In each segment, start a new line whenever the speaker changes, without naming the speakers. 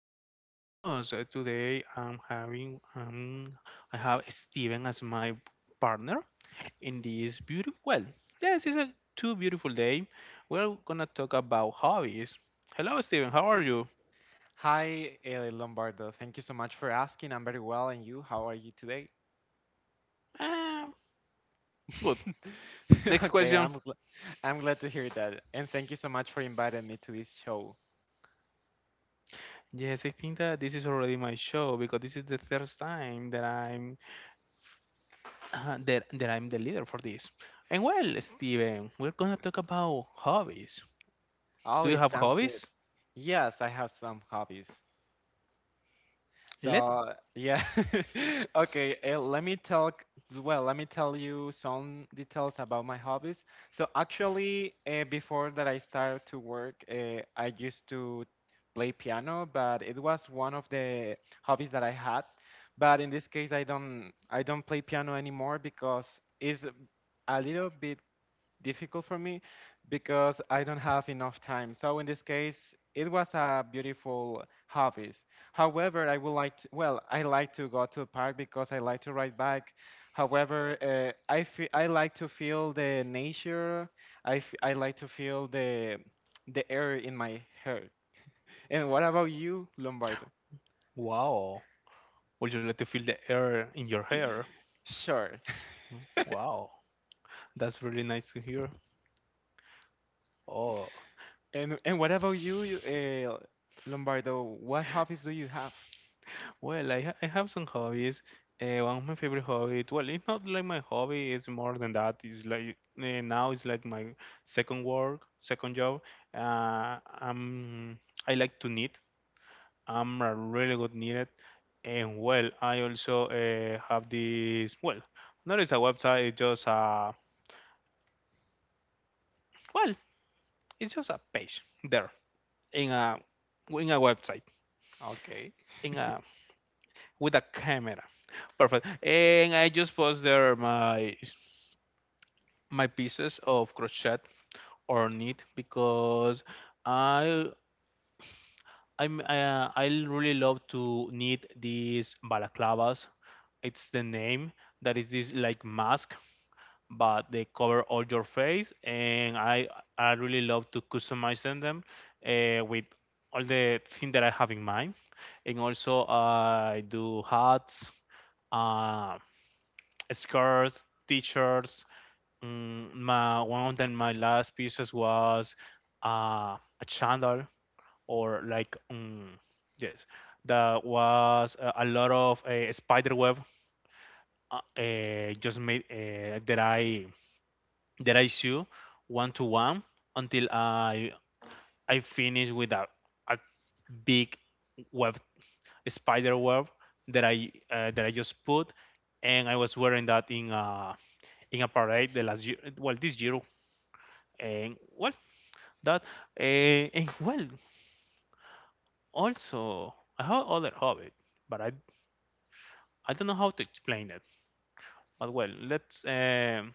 you so much for listening us. Today I'm having I have Steven as my partner in this beautiful well, yes, it's a too beautiful day. We're gonna talk about hobbies. Hello Steven, how are you?
Hi, Lombardo. Thank you so much for asking. I'm very well, and you? How are you today?
Uh, good. Next
Okay,
question.
I'm glad to hear that, and thank you so much for inviting me to this show.
Yes, I think that this is already my show because this is the first time that I'm that I'm the leader for this. And well, Steven, we're gonna talk about hobbies.
Oh,
Do you
it
have
sounds good.
hobbies?
Yes, I have some hobbies.
Let
So yeah, okay. Let me talk. Well, let me tell you some details about my hobbies. So actually, before that I started to work, I used to play piano, but it was one of the hobbies that I had. But in this case, I don't play piano anymore because it's a little bit difficult for me because I don't have enough time. So in this case, it was a beautiful hobbies. However, I would like to, well, I like to go to the park because I like to ride bike. However, I like to feel the nature. I like to feel the air in my hair. And what about you, Lombardo?
wow. Would you like to feel the air in your hair?
Sure.
Wow, that's really nice to hear. Oh,
And what about you, Lombardo? What hobbies do you have?
well, I have some hobbies. One of my favorite hobbies, well, it's not like my hobby, it's more than that. It's like now it's like my second work, second job. Uh, um, I like to knit. I'm a really good knit. And well, I also have this, well, not it's a website, it's just a, well, it's just a page there in a in a website.
Okay.
In a with a camera. Perfect. And I just post there my pieces of crochet or knit because I I'm, I really love to knit these balaclavas. It's the name that is this like mask, but they cover all your face, and I really love to customize them with all the thing that I have in mind, and also I do hats, uh, skirts, t-shirts. My one of them, my last pieces was a chandal or like yes, that was a lot of spider web just made that I sew one to one until I finish with a big web spider web that I just put, and I was wearing that in a parade the last year, well this year, and well that and well also I have other hobby, but I don't know how to explain it. But well, let's.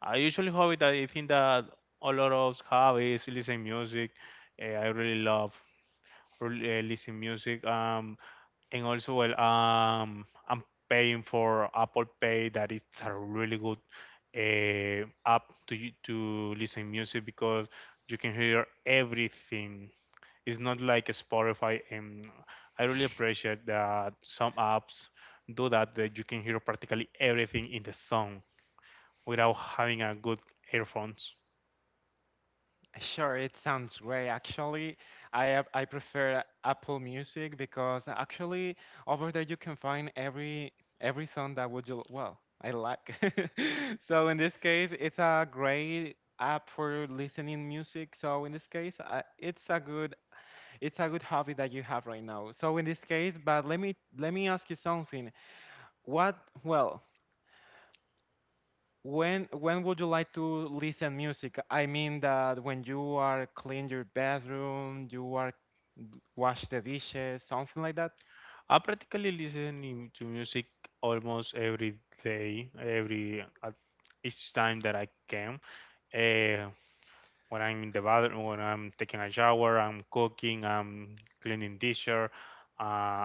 I usually hobby that I think that a lot of hobbies, listen music. I really love or listen music. And also, well, I'm paying for Apple Pay. That is a really good app to to listen music because you can hear everything. It's not like Spotify, and I really appreciate that some apps do that you can hear practically everything in the song without having a good earphones.
Sure, it sounds great. Actually, I prefer Apple Music because actually over there you can find every song that would you well I like. So in this case, it's a great app for listening music. So in this case, it's a good hobby that you have right now. So in this case, but let me ask you something. What well when would you like to listen music? I mean that when you are clean your bathroom, you are wash the dishes, something like that.
I practically listen to music almost every day, every at each time that I can. Uh, when I'm in the bathroom, when I'm taking a shower, I'm cooking, I'm cleaning dishes,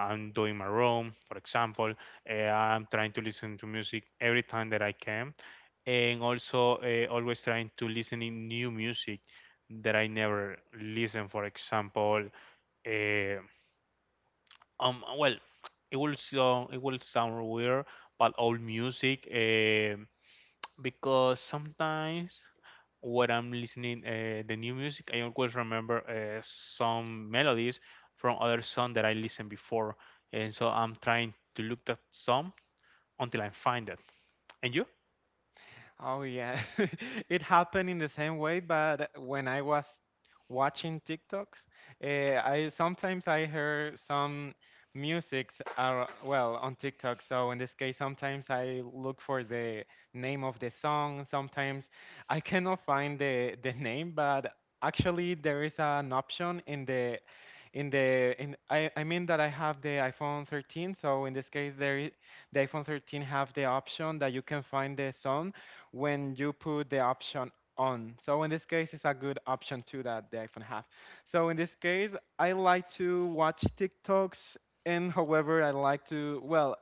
I'm doing my room, for example. I'm trying to listen to music every time that I can, and also always trying to listen in new music that I never listen. For example. uh, well, it will sound weird, but old music, because sometimes when I'm listening the new music, I always remember some melodies from other song that I listened before, and so I'm trying to look that song until I find it. And you?
Oh yeah, it happened in the same way. But when I was watching TikToks, I sometimes I heard some musics are well on TikTok. So in this case, sometimes I look for the name of the song. Sometimes I cannot find the name, but actually there is an option in the in the in I mean that I have the iPhone 13, so in this case there is, the iPhone 13 have the option that you can find the song when you put the option on. So in this case, it's a good option too that the iPhone have. So in this case, I like to watch TikToks, and however, I like to well,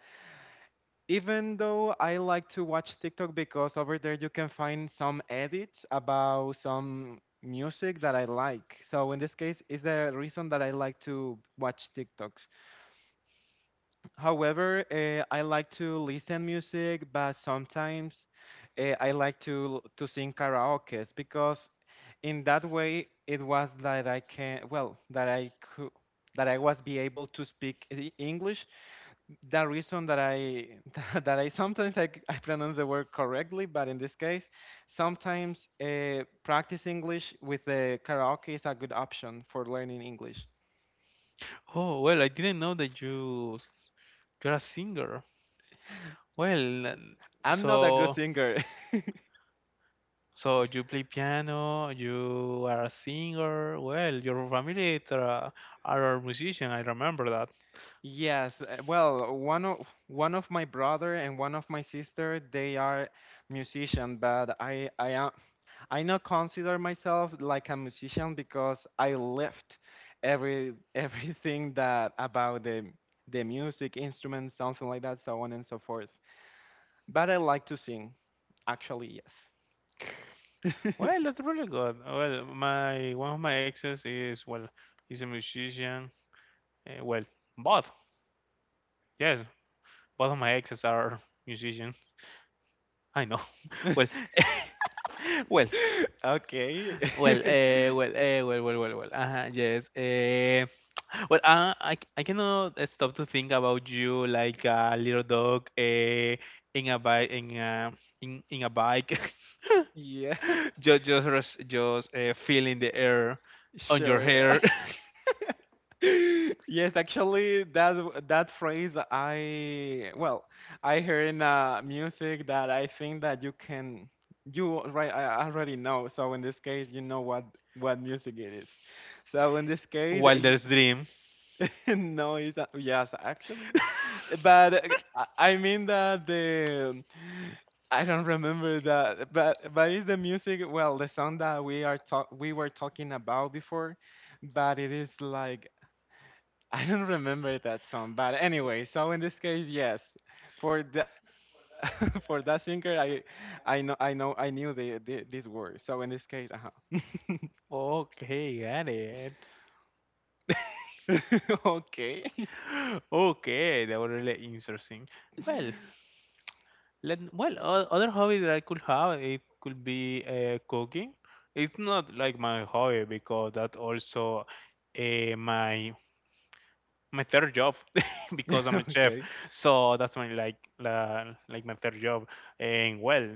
even though I like to watch TikTok because over there you can find some edits about some music that I like. So in this case, is the reason that I like to watch TikToks. However, I like to listen music, but sometimes I like to sing karaoke because in that way it was that I can well that I was be able to speak English. The reason that I that I sometimes I pronounce the word correctly, but in this case, sometimes practice English with the karaoke is a good option for learning English.
Oh well, I didn't know that you're a singer. Well,
I'm not a good
so.
singer.
So you play piano, you are a singer. Well, your family is a, are a musician. I remember that.
Yes, well, one of my brother and one of my sister, they are musician, but I am I not consider myself like a musician because I left every everything that about the music instruments something like that, so on and so forth. But I like to sing, actually, yes.
Well, that's really good. Well, my one of my exes is well, he's a musician. Well, both. Yes, both of my exes are musicians. I know. Well, well,
Okay.
Well, well, well, well, well, well. Yes. Well, I cannot stop to think about you like a little dog in a bike in a bike,
Yeah,
just feeling the air on your
sure.
hair
Yes, actually, that phrase I well, I hear in music that I think that you can you right I already know. So in this case, you know what music it is. So in this case,
while there's dream.
no, it's not, yes, actually. But I mean that the I don't remember that, but it's the music. Well, the song that we were talking about before, but it is like I don't remember that song, but anyway, so in this case, yes, for the for that singer, I knew the this word. So in this case, uh-huh.
Okay, got it.
Okay,
Okay, that was really interesting. Well, Let, well, other hobby that I could have, it could be cooking. It's not like my hobby because that's also my third job because I'm a chef.
okay,
So that's my like la, like my third job. And well,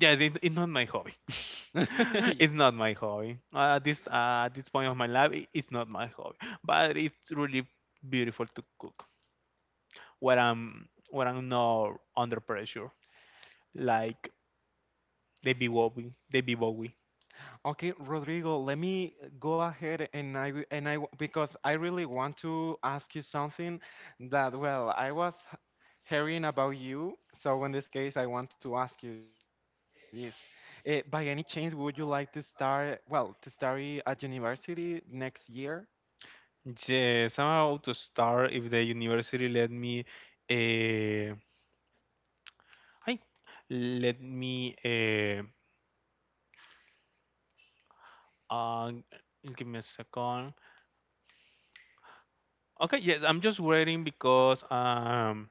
yes, it's not my hobby. it's not my hobby. At this point of my life, it's not my hobby. But it's really beautiful to cook when I'm not under pressure. Like They be Bowie. They be Bowie.
Okay, Rodrigo, let me go ahead and I wi- and I w- because I really want to ask you something that well, I was hearing about you, so in this case I want to ask you this. By any chance would you like to start, well, to study at university next year?
Yes, I'm about to start if the university let me uh I let me uh give me a second. Okay, yes, I'm just waiting because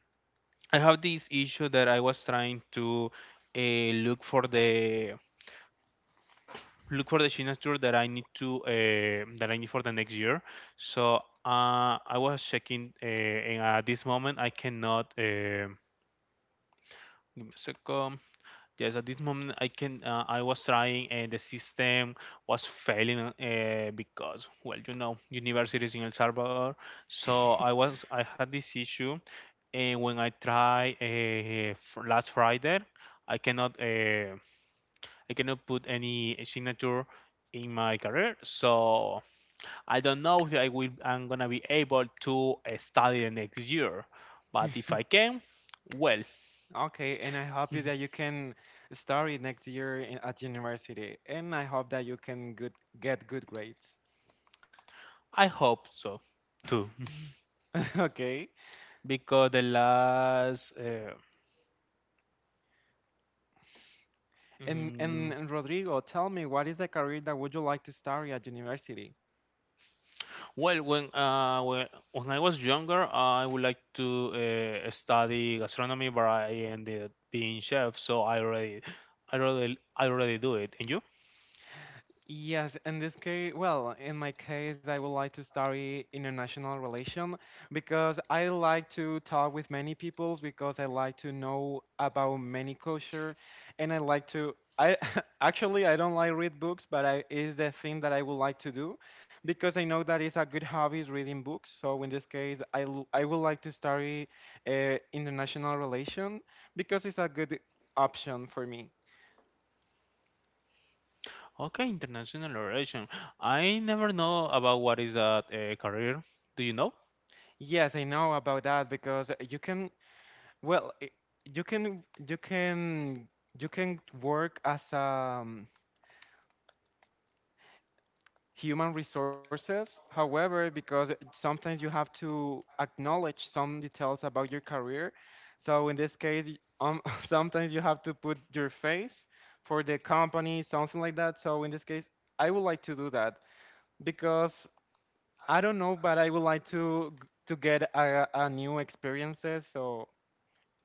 I have this issue that I was trying to uh, look for the look for the signature that I need to that I need for the next year. So I was checking and at this moment I cannot give me a second. Yes, at this moment I can I was trying and the system was failing because well you know university is in El Salvador so I was I had this issue and when I try last Friday I cannot uh, I cannot put any signature in my career so I don't know if I'm gonna be able to study the next year but if I can well
Okay, and I hope that you can study next year at university, and I hope that you can get good grades.
I hope so too,
Okay.
because the last
And,
mm,
and and Rodrigo, tell me, what is the career that would you like to study at university?
well, when I was younger, I would like to study gastronomy, but I ended up being chef, so I already do it. And you?
Yes, in this case, well, in my case, I would like to study international relation because I like to talk with many peoples because I like to know about many culture and I like to I actually I don't like read books, but I is the thing that I would like to do because I know that is a good hobby is reading books. So in this case, I would like to study international relation because it's a good option for me.
Okay, international relation. I never know about what is that career. Do you know?
Yes, I know about that because you can well, you can you can work as human resources. However, because sometimes you have to acknowledge some details about your career. So in this case, sometimes you have to put your face for the company, something like that. So in this case, I would like to do that because I don't know, but I would like to to get a new experiences. So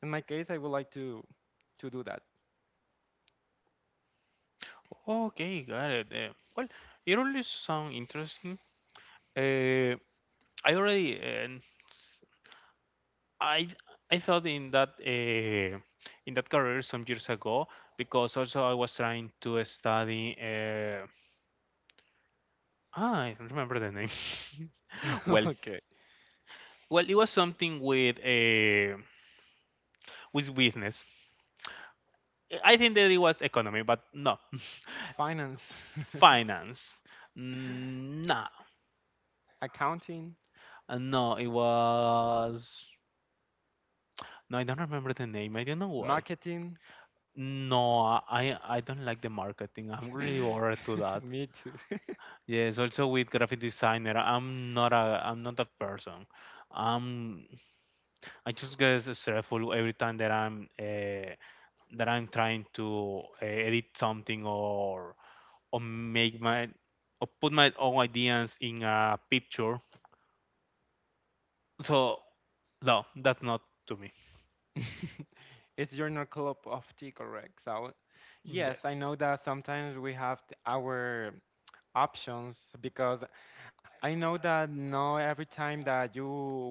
in my case, I would like to do that.
Okay, got it. Well, it really sounds interesting. Uh, I already. I I thought in that career some years ago because also I was trying to study. I don't remember the name. well,
Okay.
well, it was something with business. I think that it was economy, but no,
Finance,
finance. No,
accounting,
No, it was. No, I don't remember the name. I don't know why.
marketing.
No, I don't like the marketing. I'm really bored to that.
Me too.
Yes, also with graphic designer. I'm not a I'm not that person. Um, I just get stressful every time that I'm trying to edit something or make my or put my own ideas in a picture. So no, that's not to me.
It's Journal Club of Tea, correct? So, yes,
Yes.
I know that sometimes we have our options because I know that not every time that you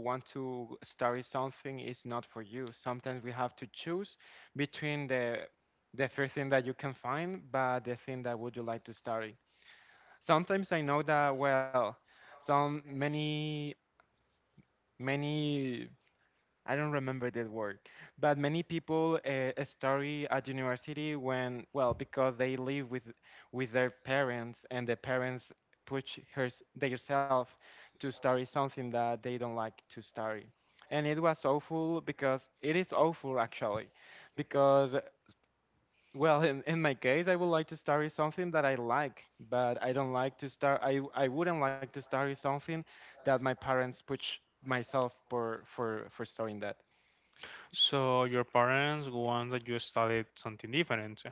want to study something is not for you. Sometimes we have to choose between the first thing that you can find, but the thing that would you like to study. Sometimes I know that well, some many many I don't remember that word, but many people study at university when well because they live with their parents and the parents push her themselves to study something that they don't like to study. And it was awful because it is awful actually, because well, in my case, I would like to study something that I like, but I don't like to start. I wouldn't like to study something that my parents push myself for for studying that.
So your parents want that you studied something different.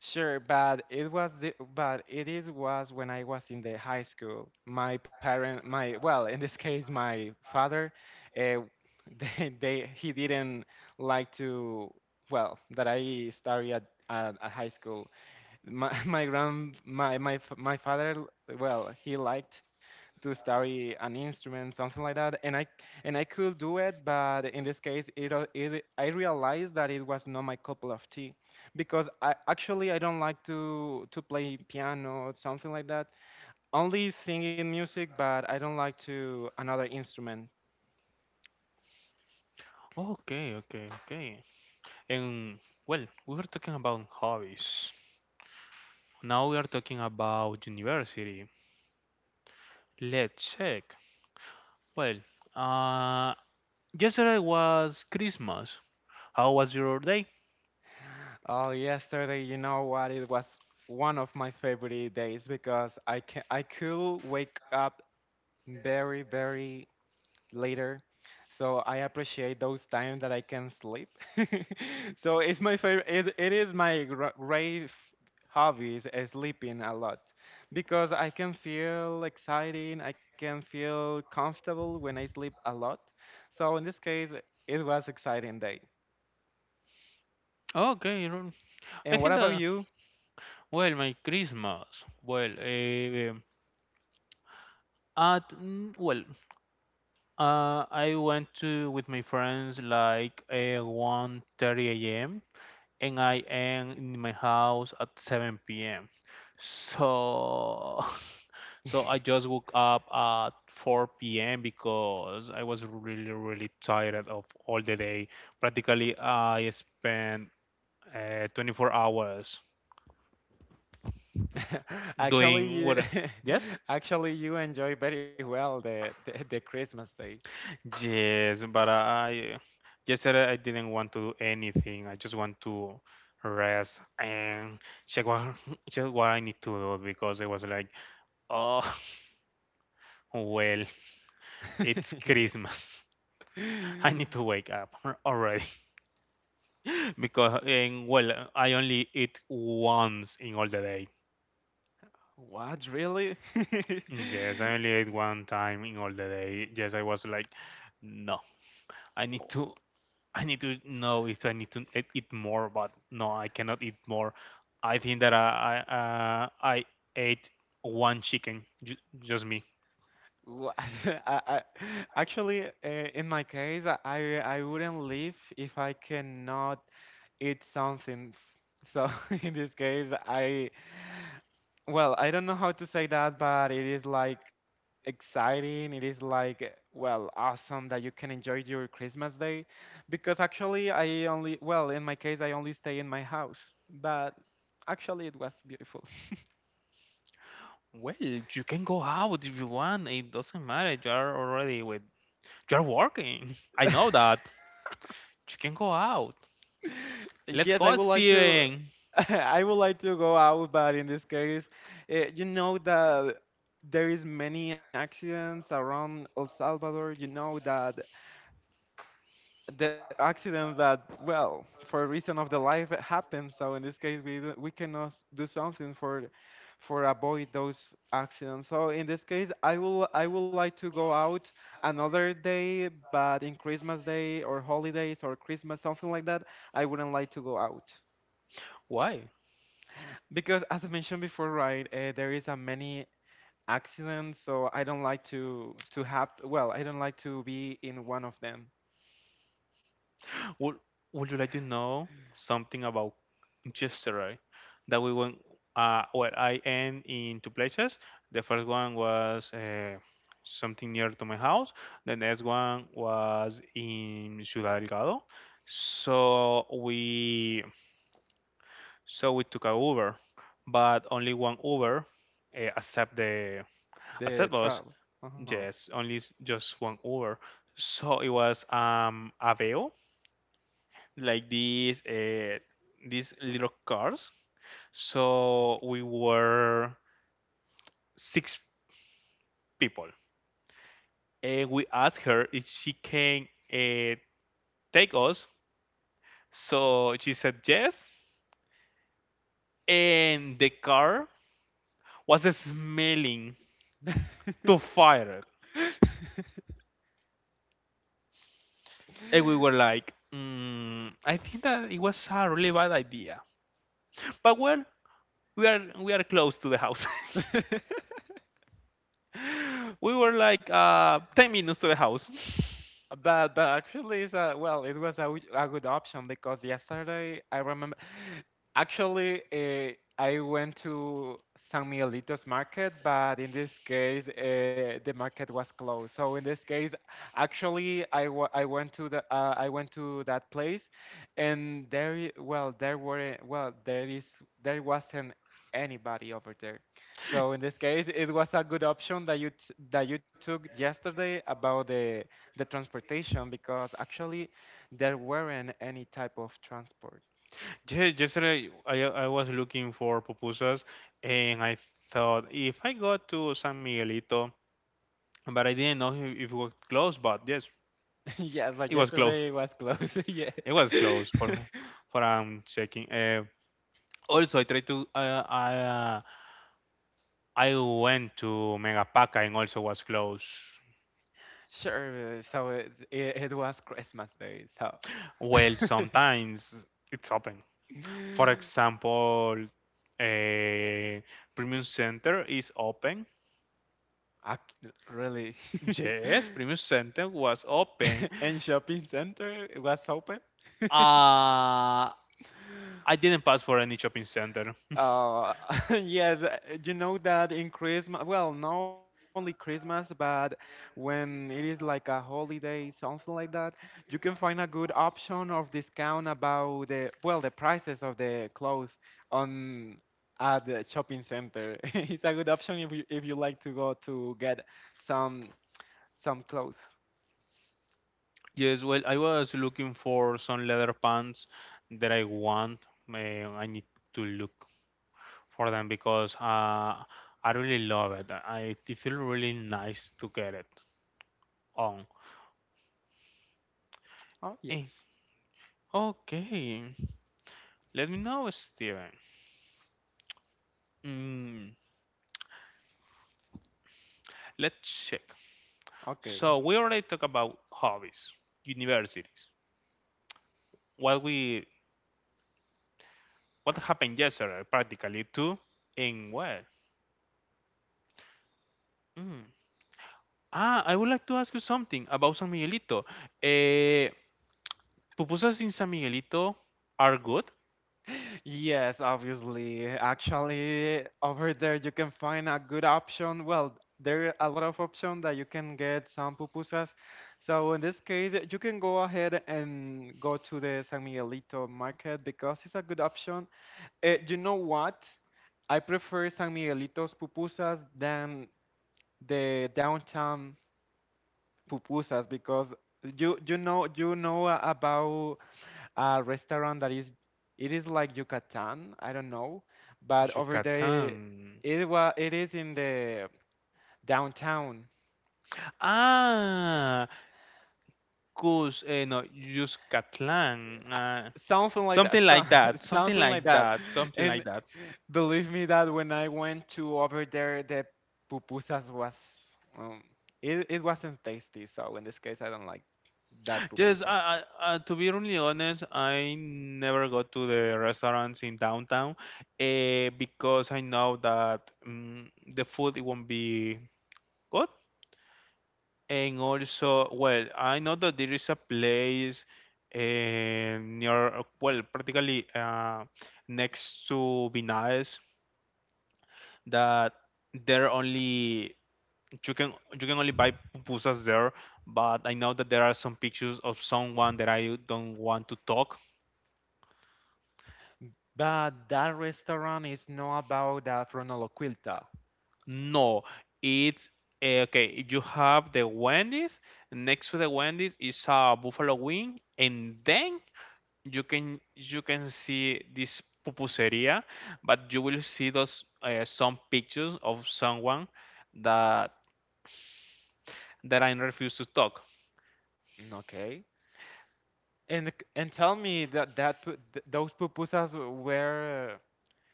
Sure, but it is was when I was in the high school. My parent, my well, in this case, my father, uh, they he didn't like to well that I study at high school my my grand my my f- my father well he liked to study an instrument something like that, and I could do it but in this case it, al- it I realized that it was not my cup of tea because I actually I don't like to play piano something like that only singing music but I don't like to another instrument.
Okay, okay, okay. And well, we were talking about hobbies. Now we are talking about university. Let's check. Well, uh, yesterday was Christmas. How was your day?
Oh, yesterday, you know what? It was one of my favorite days because I could wake up very, very later. So I appreciate those times that I can sleep. So it's my favorite. It is my great hobby is sleeping a lot because I can feel exciting. I can feel comfortable when I sleep a lot. So in this case, it was exciting day.
Okay, your- I
And what
think
about
that
you?
well, my Christmas. Well, well, I went to with my friends like 1:30 a.m. and I am in my house at 7 p.m. So, so I just woke up at 4 p.m. because I was really, really tired of all the day. Practically, I spent 24 hours
Actually,
doing
you
what? Yes,
Actually, you enjoy very well the Christmas Day.
yes, but I yesterday I didn't want to do anything. I just want to rest and check what check what I need to do because I was like. Oh, Well, it's
Yeah.
Christmas. I need to wake up already because, well, I only eat once in all the day.
What really?
Yes, I only ate one time in all the day. Yes, I was like, no, I need to, I need to know if I need to eat eat more, but no, I cannot eat more. I think that I ate one chicken, just me.
Wha- I, actually, in my case, I wouldn't leave if I cannot eat something. So in this case, I well, I don't know how to say that, but it is like exciting. It is like well, awesome that you can enjoy your Christmas Day, because actually, I only well, in my case, I only stay in my house, but actually, it was beautiful.
Well, you can go out if you want. It doesn't matter. You are already with, you are working. I know that. You can go out. Let's
Yes, I
go,
would like to.
Steven.
I would like to go out, but in this case, you know that there is many accidents around El Salvador. You know that the accidents that, well, for reason of the life it happens. So in this case, we cannot do something for avoid those accidents. So in this case, I would like to go out another day, but in Christmas Day or holidays or Christmas, something like that, I wouldn't like to go out.
Why?
Because as I mentioned before, right, there is a many accidents, so I don't like to have. Well, I don't like to be in one of them.
Would Would you like to know something about yesterday? That we went. Well, I am in two places. The first one was something near to my house. The next one was in Ciudad Delgado. So we so we took a Uber, but only one Uber accept the
The
accept us
trial. Uh
Yes, only just one over. So it was Aveo, like these little cars. So we were six people, and we asked her if she can take us. So she said yes, and the car was smelling
huh.
to fire, and we were like, I think that it was a really bad idea. But well, we are close to the house. we were like 10 minutes to the house.
But actually is a well, it was a good option because yesterday I remember actually, I went to San Miguelito's market, but in this case, the market was closed. So in this case, actually I went to the, I went to that place, and well there were well there wasn't anybody over there. So in this case, it was a good option that you took yesterday about the transportation because actually there weren't any type of transport.
Yeah, yesterday I was looking for pupusas and I thought if I go to San Miguelito, but I didn't know if it was closed, but yes,
Yes, but
it was closed.
yesterday it was closed. Yeah.
It was closed for checking. Also, I went to Megapaca and also was closed.
Sure. So it was Christmas Day. So.
Well, sometimes it's open. For example, eh, Premium Center is open.
Really.
Yes, Premium Center was open.
And shopping center it was open.
Uh, I didn't pass for any shopping center.
Uh, yes, you know that in Christmas, well, not only Christmas, but when it is like a holiday, something like that, you can find a good option of discount about the, well, the prices of the clothes on at the shopping center. It's a good option if you like to go to get some some clothes.
Yes, well, I was looking for some leather pants that I want. I need to look for them because I really love it. I it feel really nice to get it on.
Oh,
Eh,
yes.
Okay, let me know, Steven. Mm, let's check.
Okay.
So we already talked about hobbies, universities. What we what happened yesterday, practically too, and well. mm. Ah, I would like to ask you something about San Miguelito. Eh, Pupusas in San Miguelito are good.
Yes, obviously. Actually, over there you can find a good option. Well, there are a lot of options that you can get some pupusas. So in this case, you can go ahead and go to the San Miguelito market because it's a good option. Eh, you know what? I prefer San Miguelito's pupusas than the downtown pupusas because you know about a restaurant that is it is like Yucatan, I don't know, but over
Yucatan.
there it is in the downtown.
Ah, Cus, no, Yucatán.
uh, Something like that,
Something
so,
like that. Something
something like
like
that,
that. Something like
and
that.
believe me that when I went to over there, the pupusas was, um, it wasn't tasty. So in this case, I don't like that
Yes,
pupusas.
to be really honest, I never go to the restaurants in downtown because I know that the food it won't be good. And also, well, I know that there is a place near, well, practically next to Vinaes. That there are only you can only buy pupusas there, but I know that there are some pictures of someone that I don't want to talk.
But that restaurant is not about the Fronoloquilta.
No, it's okay. You have the Wendy's. Next to the Wendy's is a Buffalo Wing, and then you can see this pupuseria. But you will see those some pictures of someone that that I refuse to talk.
Okay. And tell me that those pupusas were,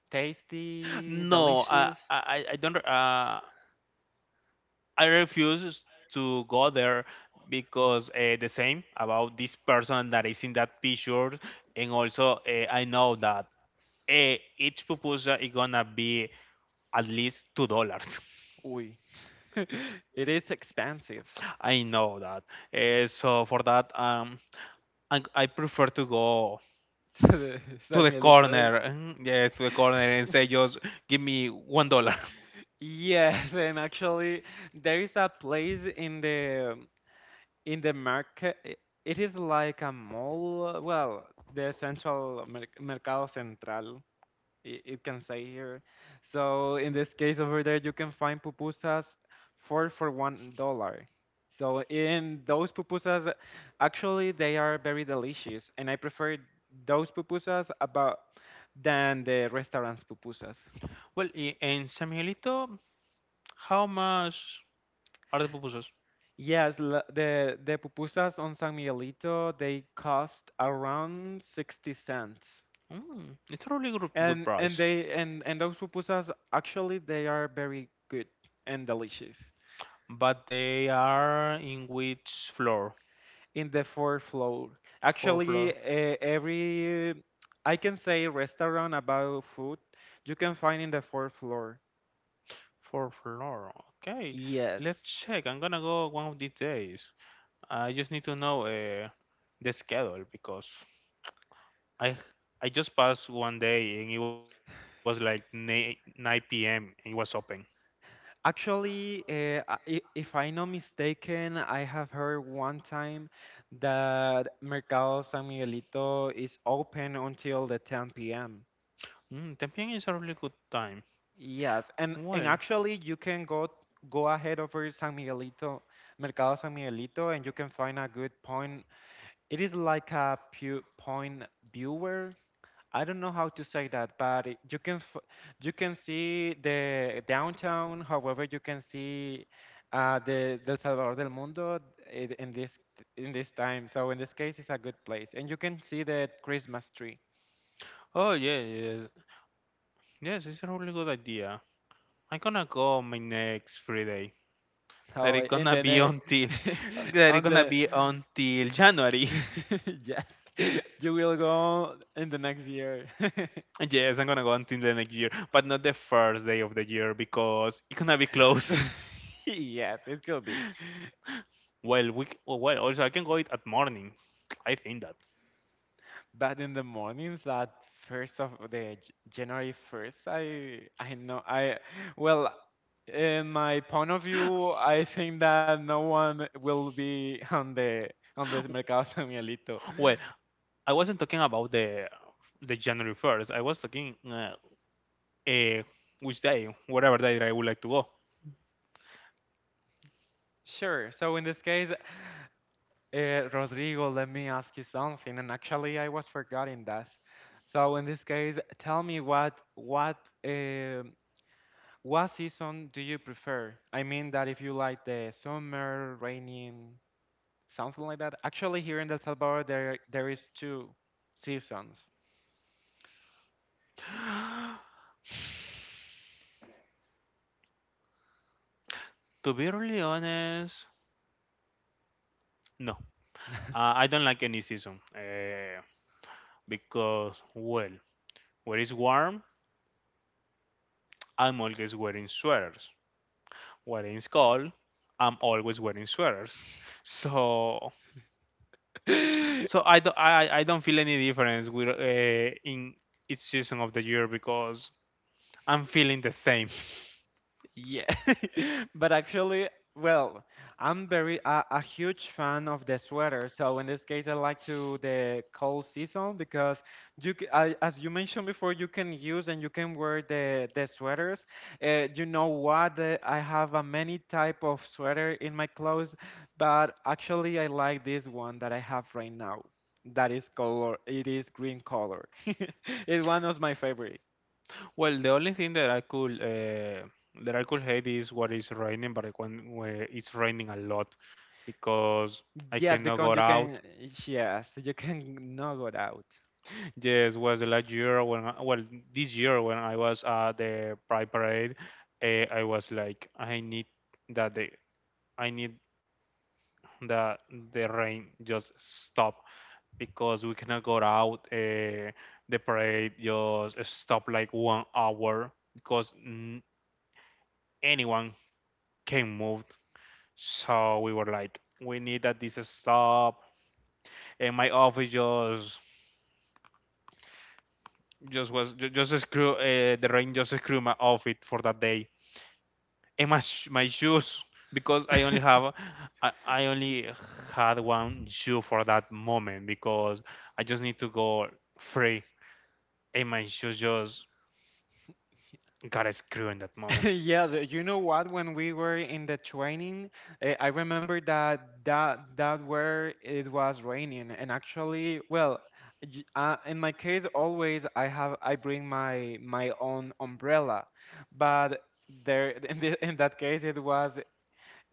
tasty,
No, I
delicious.
I, I don't. I refuse to go there because the same about this person that is in that picture, and also I know that each pupusa is gonna be at least $2.
Uy, it is expensive.
I know that. So for that, I prefer to go to the
Samuelito.
corner, mm, yeah, to the corner and say just give me $1.
Yes, and actually there is a place in the market. It is like a mall. Well, the central Mercado Central. It can say here. So in this case over there, you can find pupusas four for $1. So in those pupusas, actually they are very delicious, and I prefer those pupusas about than the restaurant's pupusas.
Well, in San Miguelito, how much are the pupusas?
Yes, the pupusas on San Miguelito they cost around 60 cents,
Mm, it's a really good, good
and
price.
they and those pupusas actually they are very good and delicious.
But they are in which floor?
In the fourth floor.
Fourth floor.
Actually, every I can say restaurant about food you can find in the fourth floor.
Fourth floor. Okay,
Yes.
let's check. I'm gonna go one of these days. I just need to know the schedule because I I just passed one day and it was like 9 p.m. and it was open.
Actually, if I'm not mistaken, I have heard one time that Mercado San Miguelito is open until the 10 p.m.
Mm, 10 p.m. is a really good time.
Yes, and
Well,
actually you can go ahead over San Miguelito, Mercado San Miguelito, and you can find a good point. It is like a pu point viewer. I don't know how to say that, but you can see the downtown. However, you can see, the Del Salvador del Mundo i- in this in this time. So in this case, it's a good place, and you can see the Christmas tree.
oh yeah, yes, yes, it's a really good idea. I'm gonna go my next free day. That
So
it's
in
gonna
the
be
near
until that it's
on
gonna
the
be until January.
yes, you will go in the next year.
Yes, I'm gonna go until the next year, but not the first day of the year because it's gonna be close.
Yes, it could be.
Well, oh, well, also I can go it at mornings. I think that.
But in the mornings, that first of January 1st, I know I well, in my point of view, I think that no one will be on the Mercado San Miguelito.
Well, I wasn't talking about the January first. I was talking uh, which day, whatever day that I would like to go.
Sure. So in this case, Rodrigo, let me ask you something. And actually, I was forgetting that. So in this case, tell me um what season do you prefer? I mean that if you like the summer, raining, something like that. Actually, here in El Salvador, there is two seasons.
To be really honest, no. I don't like any season because, well, where it's warm, I'm always wearing sweaters. When it's cold, I'm always wearing sweaters. So, so I don't, I don't feel any difference with in each season of the year because I'm feeling the same.
Yeah, but actually, well, I'm very a huge fan of the sweater. So in this case, I like to the cold season because as you mentioned before, you can use and you can wear the sweaters. You know what? I have a many type of sweater in my clothes, but actually, I like this one that I have right now. That is color. It is green color. It's one of my favorite.
Well, the only thing that I could hate is what is raining, but when it's raining a lot because I
Yes,
cannot
because
go
you can,
out.
yes, you can not go out.
Yes, was the last year well, this year when I was at the Pride Parade, I was like, that the I need that the rain just stop because we cannot go out. The parade just stop like 1 hour because anyone can move. So we were like, we need that this stop. And my office just screw the rain just screw my outfit for that day and my shoes because I only had one shoe for that moment because I just need to go free and my shoes just got a screw in that moment.
Yes, you know what? When we were in the training, eh, I remember that that where it was raining, and actually, well, in my case, always I bring my own umbrella, but there in that case it was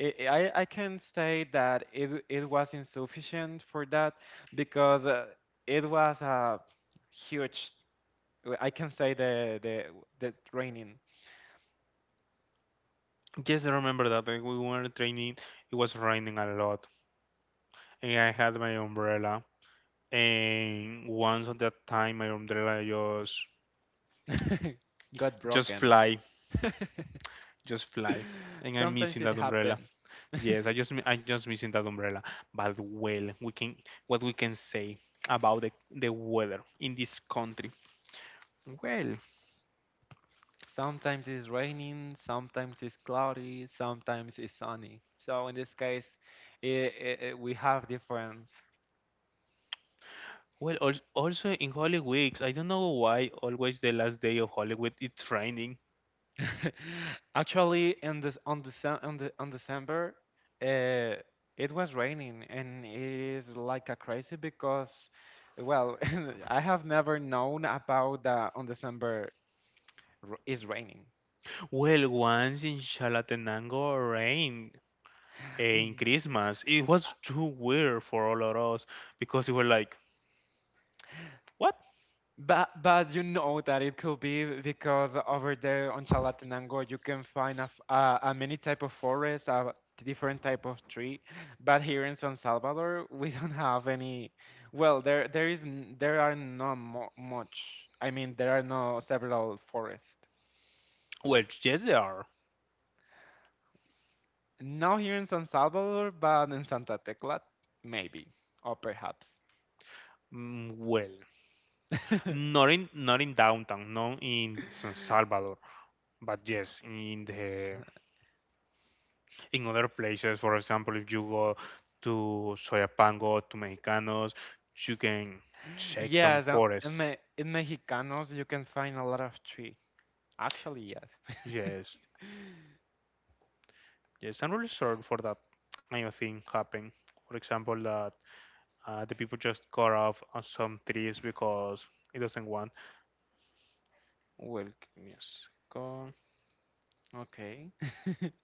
I can say that it was insufficient for that because, it was a huge I can say the training
Yes, I remember that like, we were training. It was raining a lot, and I had my umbrella. And once at that time, my umbrella just
got
just
broken.
fly, just fly, and I'm
Sometimes
missing
it
that umbrella.
happens.
Yes, I just missing that umbrella. But well, we can say about the weather in this country. Well,
Sometimes it's raining, sometimes it's cloudy, sometimes it's sunny. So in this case, I we have difference.
well, also in Holy Weeks, I don't know why always the last day of Holy Week it's raining.
Actually, in this on the on the on December, uh, it was raining, and it is like a crazy because, well, I have never known about the on December, it's raining.
Well, once in Chalatenango rain in Christmas, it was too weird for all of us because we were like, what?
But you know that it could be because over there on Chalatenango you can find a many type of forest, a different type of tree. But here in San Salvador we don't have any. Well, there are not mo much. I mean there are no several forests.
Well, yes, they are.
Not here in San Salvador, but in Santa Tecla, maybe or perhaps.
Mm, well, not in downtown, no, in San Salvador. But yes, in other places, for example, if you go to Soyapango, to Mexicanos, you can check some
Yes,
forests.
In Mexicanos you can find a lot of tree. Actually, yes.
Yes, yes, I'm really sorry for that kind of thing happened. For example, that the people just cut off on some trees because it doesn't want. Well, give me a second.
Okay.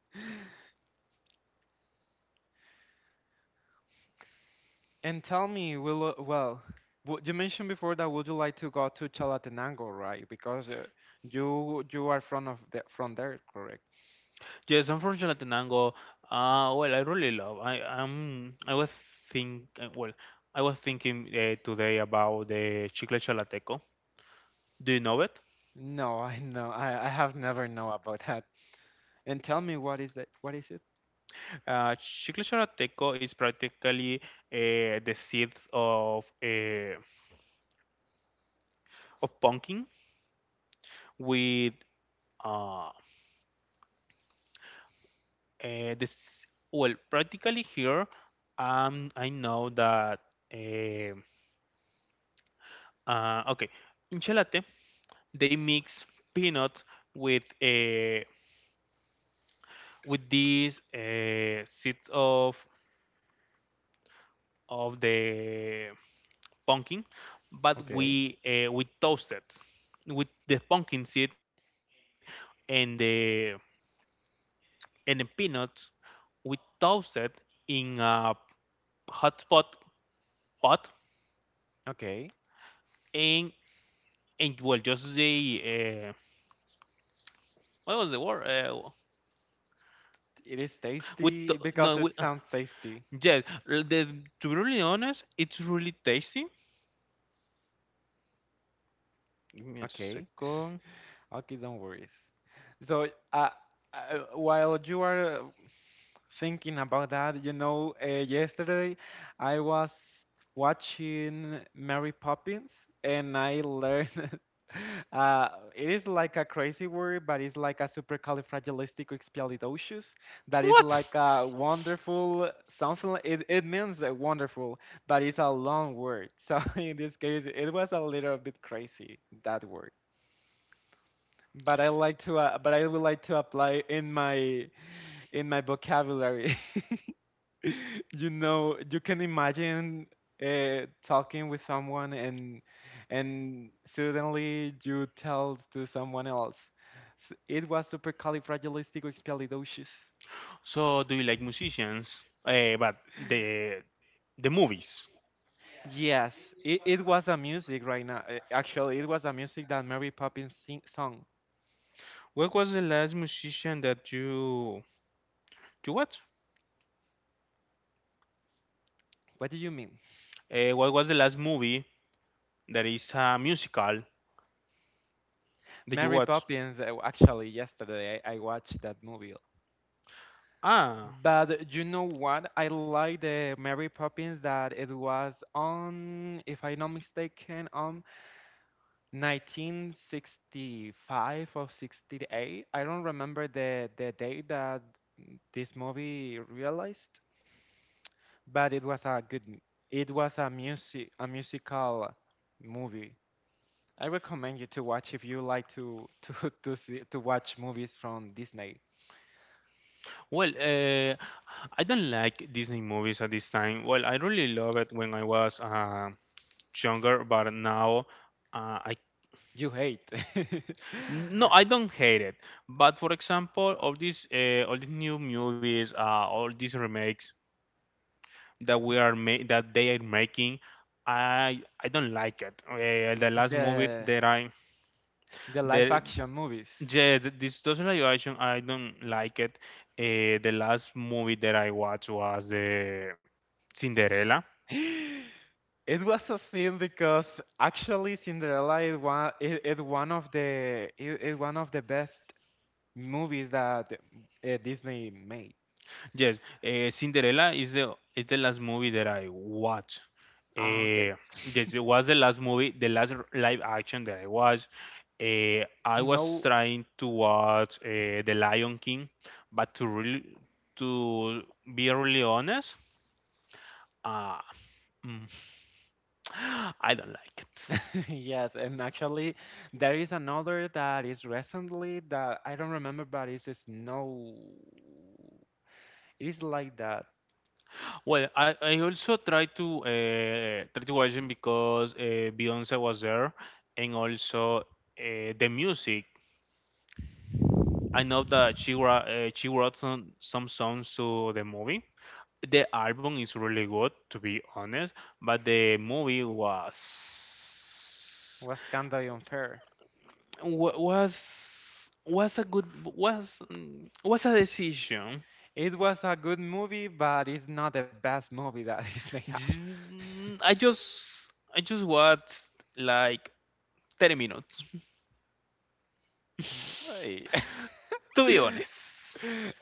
And tell me, you mentioned before that would you like to go to Chalatenango, right? Because, you are from of the, from there, correct?
Yes, I'm from Chalatenango. Well, I really love. I was think. Well, I was thinking today about the chicle chalateco. Do you know it?
No, I know. I have never know about that. And tell me what is that? What is it?
Chicle chalateco is practically the seeds of pumpkin with uh, this. Well, practically here, I know that. Uh, okay, in chalate, they mix peanuts with uh, with these seeds of the pumpkin, but
Okay.
we toasted with the pumpkin seed and the and the peanuts. We toasted in a hot pot
Okay.
and and well, just the uh, what was the word?
It is tasty
No,
because it
with,
sounds tasty.
yes. To be really honest, it's really tasty. Give me a
Okay.
second.
Okay, don't worry. So, uh, while you are, thinking about that, you know, yesterday I was watching Mary Poppins and I learned uh, it is like a crazy word, but it's like a supercalifragilisticexpialidocious. That is
What?
like a wonderful something. It means, wonderful, but it's a long word. So in this case, it was a little bit crazy, that word, but I like to but I would like to apply in my vocabulary. You know, you can imagine, talking with someone and suddenly you tell to someone else. It was supercalifragilisticexpialidocious.
So, do you like musicians? But the movies.
Yes, it was a music right now. Actually, it was a music that Mary Poppins sing song.
What was the last musician that you watched?
What do you mean?
What was the last movie that is a musical that you
Mary
watched?
Poppins. Actually, yesterday I watched that movie.
Ah,
But you know what? I like the Mary Poppins that it was on, if I'm not mistaken, on 1965 or 68. I don't remember the date that this movie realized, but it was a it was a music a musical movie. I recommend you to watch if you like to to see, to watch movies from Disney.
well, I don't like Disney movies at this time. Well, I really love it when I was younger, but now I
You hate
no, I don't hate it. But for example, all these new movies, all these remakes that that they are making, I don't like it. The last movie
the.
that I
The live
the
action movies.
yeah, this social action I don't like it. The last movie that I watched was the Cinderella.
It was a sin because actually Cinderella is one of the is one of the best movies that, Disney made.
Yes, Cinderella is the last movie that I watched.
Ah, okay.
Uh, Yes, it was the last movie, the last live action that I watched. I was
No.
trying to watch The Lion King, but to be really honest, uh, mm, I don't like it.
Yes, and actually there is another that is recently that I don't remember, but it's Snow. It's like that.
Well, I also tried to try to watch it because Beyonce was there, and also the music. I know that she wrote some songs to the movie. The album is really good, to be honest, but the movie was
Was kind of unfair.
wa- was was a good was was a decision.
It was a good movie, but it's not the best movie that Disney have.
Mm, I just watched like 30 minutes,
Right.
to be honest.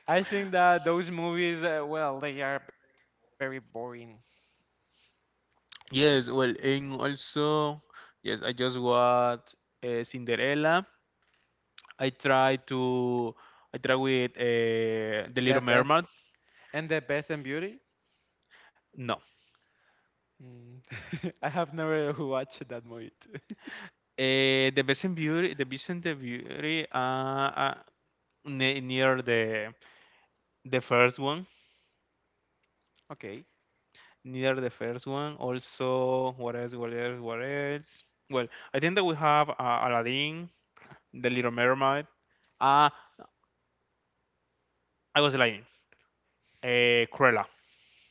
I think that those movies, well, they are very boring.
Yes, well, and also yes, I just watched Cinderella. I try to I try with the
The
Little
best
Mermaid.
the best and beauty.
No,
Mm. I have never watched that movie. Too.
the Beast and Beauty, the Beast and the Beauty, near the first one,
Okay.
near the first one. Also, what else? What else? What else? Well, I think that we have Aladdin, the Little Mermaid. Uh, I was lying. Cruella.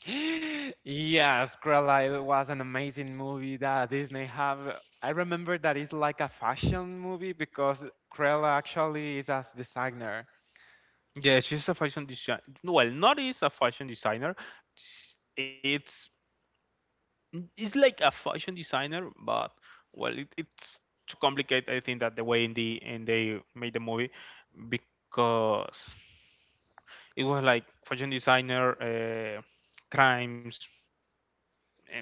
Yes, Cruella was an amazing movie that Disney have. I remember that it's like a fashion movie because Cruella actually is a designer.
Yeah, she's a fashion design. Well, not is a fashion designer. It's it's like a fashion designer, but well, it's too complicated. I think that the way in the and they made the movie because it was like fashion designer uh, crimes. And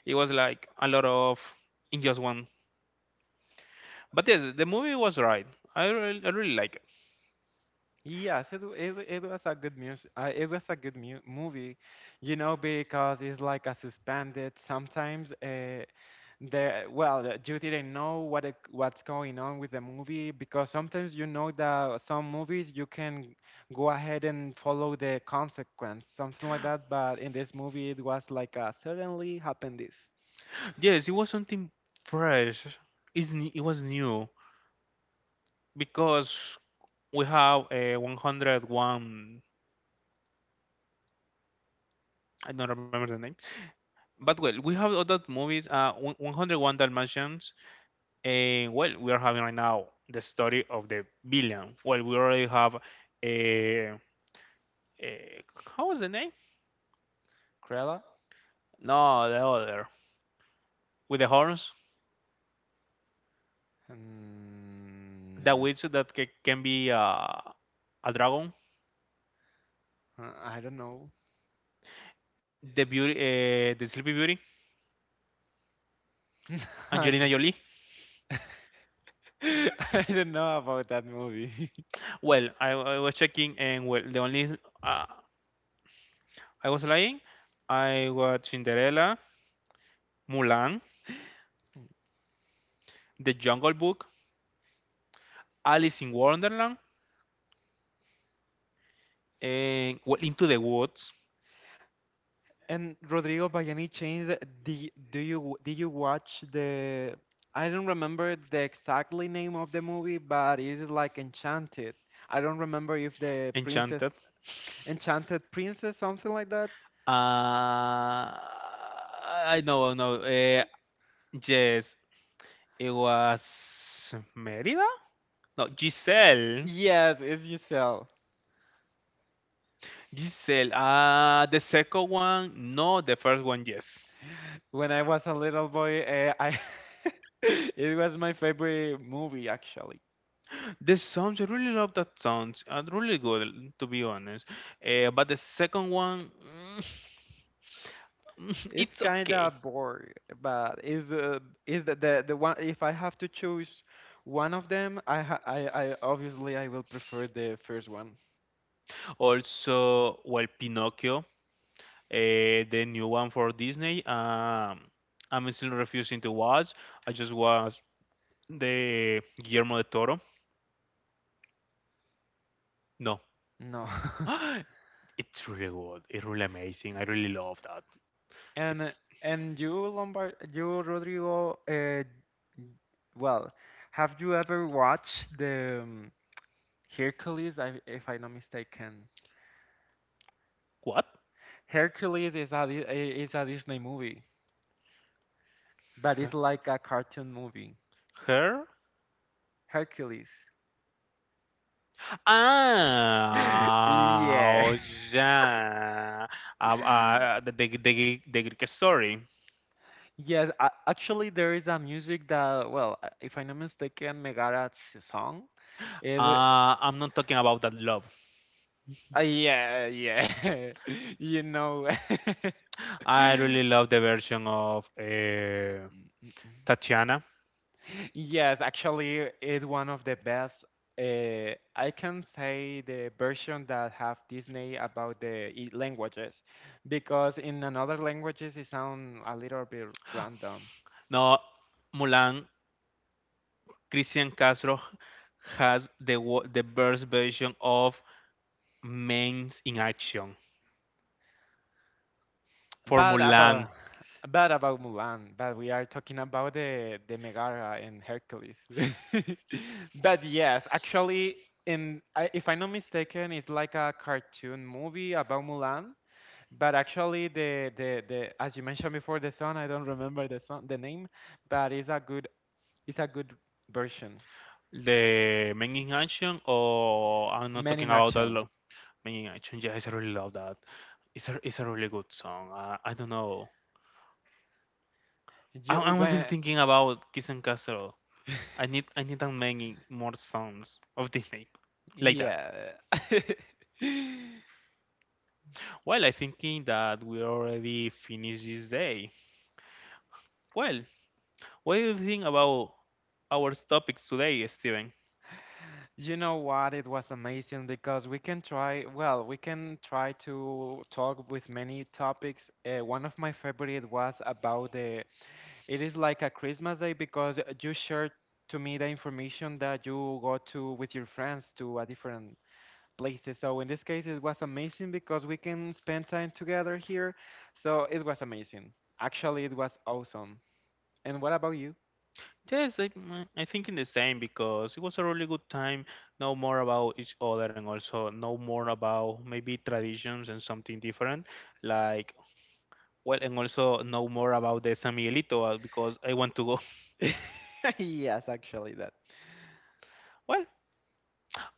it was like a lot of in just one. But yes, the movie was right. I really like it.
Yes, it was a good music. It was a good mu movie, you know, because it's like a suspended sometimes. Well, you didn't know what's going on with the movie because sometimes you know that some movies you can go ahead and follow the consequence, something like that. But in this movie, it was like, suddenly happened this.
Yes, it was something fresh. It was new because we have a 101. I don't remember the name. But well, we have other movies, 101 Dalmatians, and well, we are having right now the story of the villain. Well, we already have a, a how was the name?
Cruella?
No, the other with the horns, the
Mm,
witch that can be a dragon,
I don't know.
the beauty, the Sleepy Beauty, Angelina
Okay.
Jolie.
I don't know about that movie.
Well, I was checking, and well, the only uh, I was lying. I watched Cinderella, Mulan, The Jungle Book, Alice in Wonderland, and well, Into the Woods,
And Rodrigo, by any chance, do, do you did you watch the? I don't remember the exactly name of the movie, but it is like Enchanted. I don't remember if the princess,
Enchanted.
Enchanted Princess, something like that.
Uh, I know, no. Yes, it was Merida. No, Giselle.
Yes, it's Giselle.
Giselle. The second one, no. The first one, yes.
When I was a little boy, I it was my favorite movie actually.
The songs, I really love that songs. Are really good, to be honest. But the second one, mm,
It's
it's
kind
okay.
of boring, but is the one. If I have to choose one of them, I obviously I will prefer the first one.
Also, well, Pinocchio, the new one for Disney. I'm still refusing to watch. I just watched the Guillermo del Toro. No,
No.
it's really good. It's really amazing. I really love that.
And
It's
and you Rodrigo, well, have you ever watched the, Hercules? If I'm not mistaken,
what?
Hercules is is a Disney movie, but it's
Her?
like a cartoon movie.
Her?
Hercules.
Ah,
Yeah.
oh, yeah. The Greek story.
Yes, actually, there is a music that, well, if I'm not mistaken, Megara's song. It,
I'm not talking about that love.
yeah, yeah, you know.
I really love the version of
Mm, mm,
Tatiana.
mm. Yes, actually, it's one of the best. I can say the version that have Disney about languages, because in another languages it sound a little bit random.
No, Mulan, Christian Castro has the best version of Men in Action. For
But about
Mulan,
but about Mulan, but we are talking about the Megara and Hercules. But yes, actually, if I'm not mistaken, it's like a cartoon movie about Mulan. But actually, the as you mentioned before, the song, I don't remember the song the name, but it's a good version.
the Men in Action, or I'm not
Men
talking
in
about that.
action.
Men in Action, yes, I really love that. It's a really good song. I don't know.
You
I'm still
when
thinking about Christian Castro. I need that many more songs of Disney like that.
Yeah.
Well, I thinking that we already finished this day. Well, what do you think about our topics today, Steven?
You know what? It was amazing because we can try, well, we can try to talk with many topics. One of my favorite was about the, it is like a Christmas day because you shared to me the information that you go to with your friends to a different places. So in this case, it was amazing because we can spend time together here. So it was amazing. Actually, it was awesome. And what about you?
Yes, I think in the same because it was a really good time. Know more about each other and also know more about maybe traditions and something different. Like well, and also know more about the San Miguelito because I want to go.
Yes, actually that.
Well,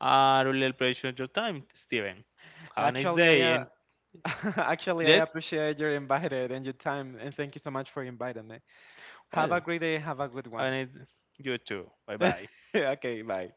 I really appreciate your time, Steven. Have a nice
Actually, I
day. And
Actually, I
yes,
appreciate your invited and your time, and thank you so much for inviting me. Have a
well,
great day. Have a good
have a
one.
nice you too. Bye bye.
Okay, bye.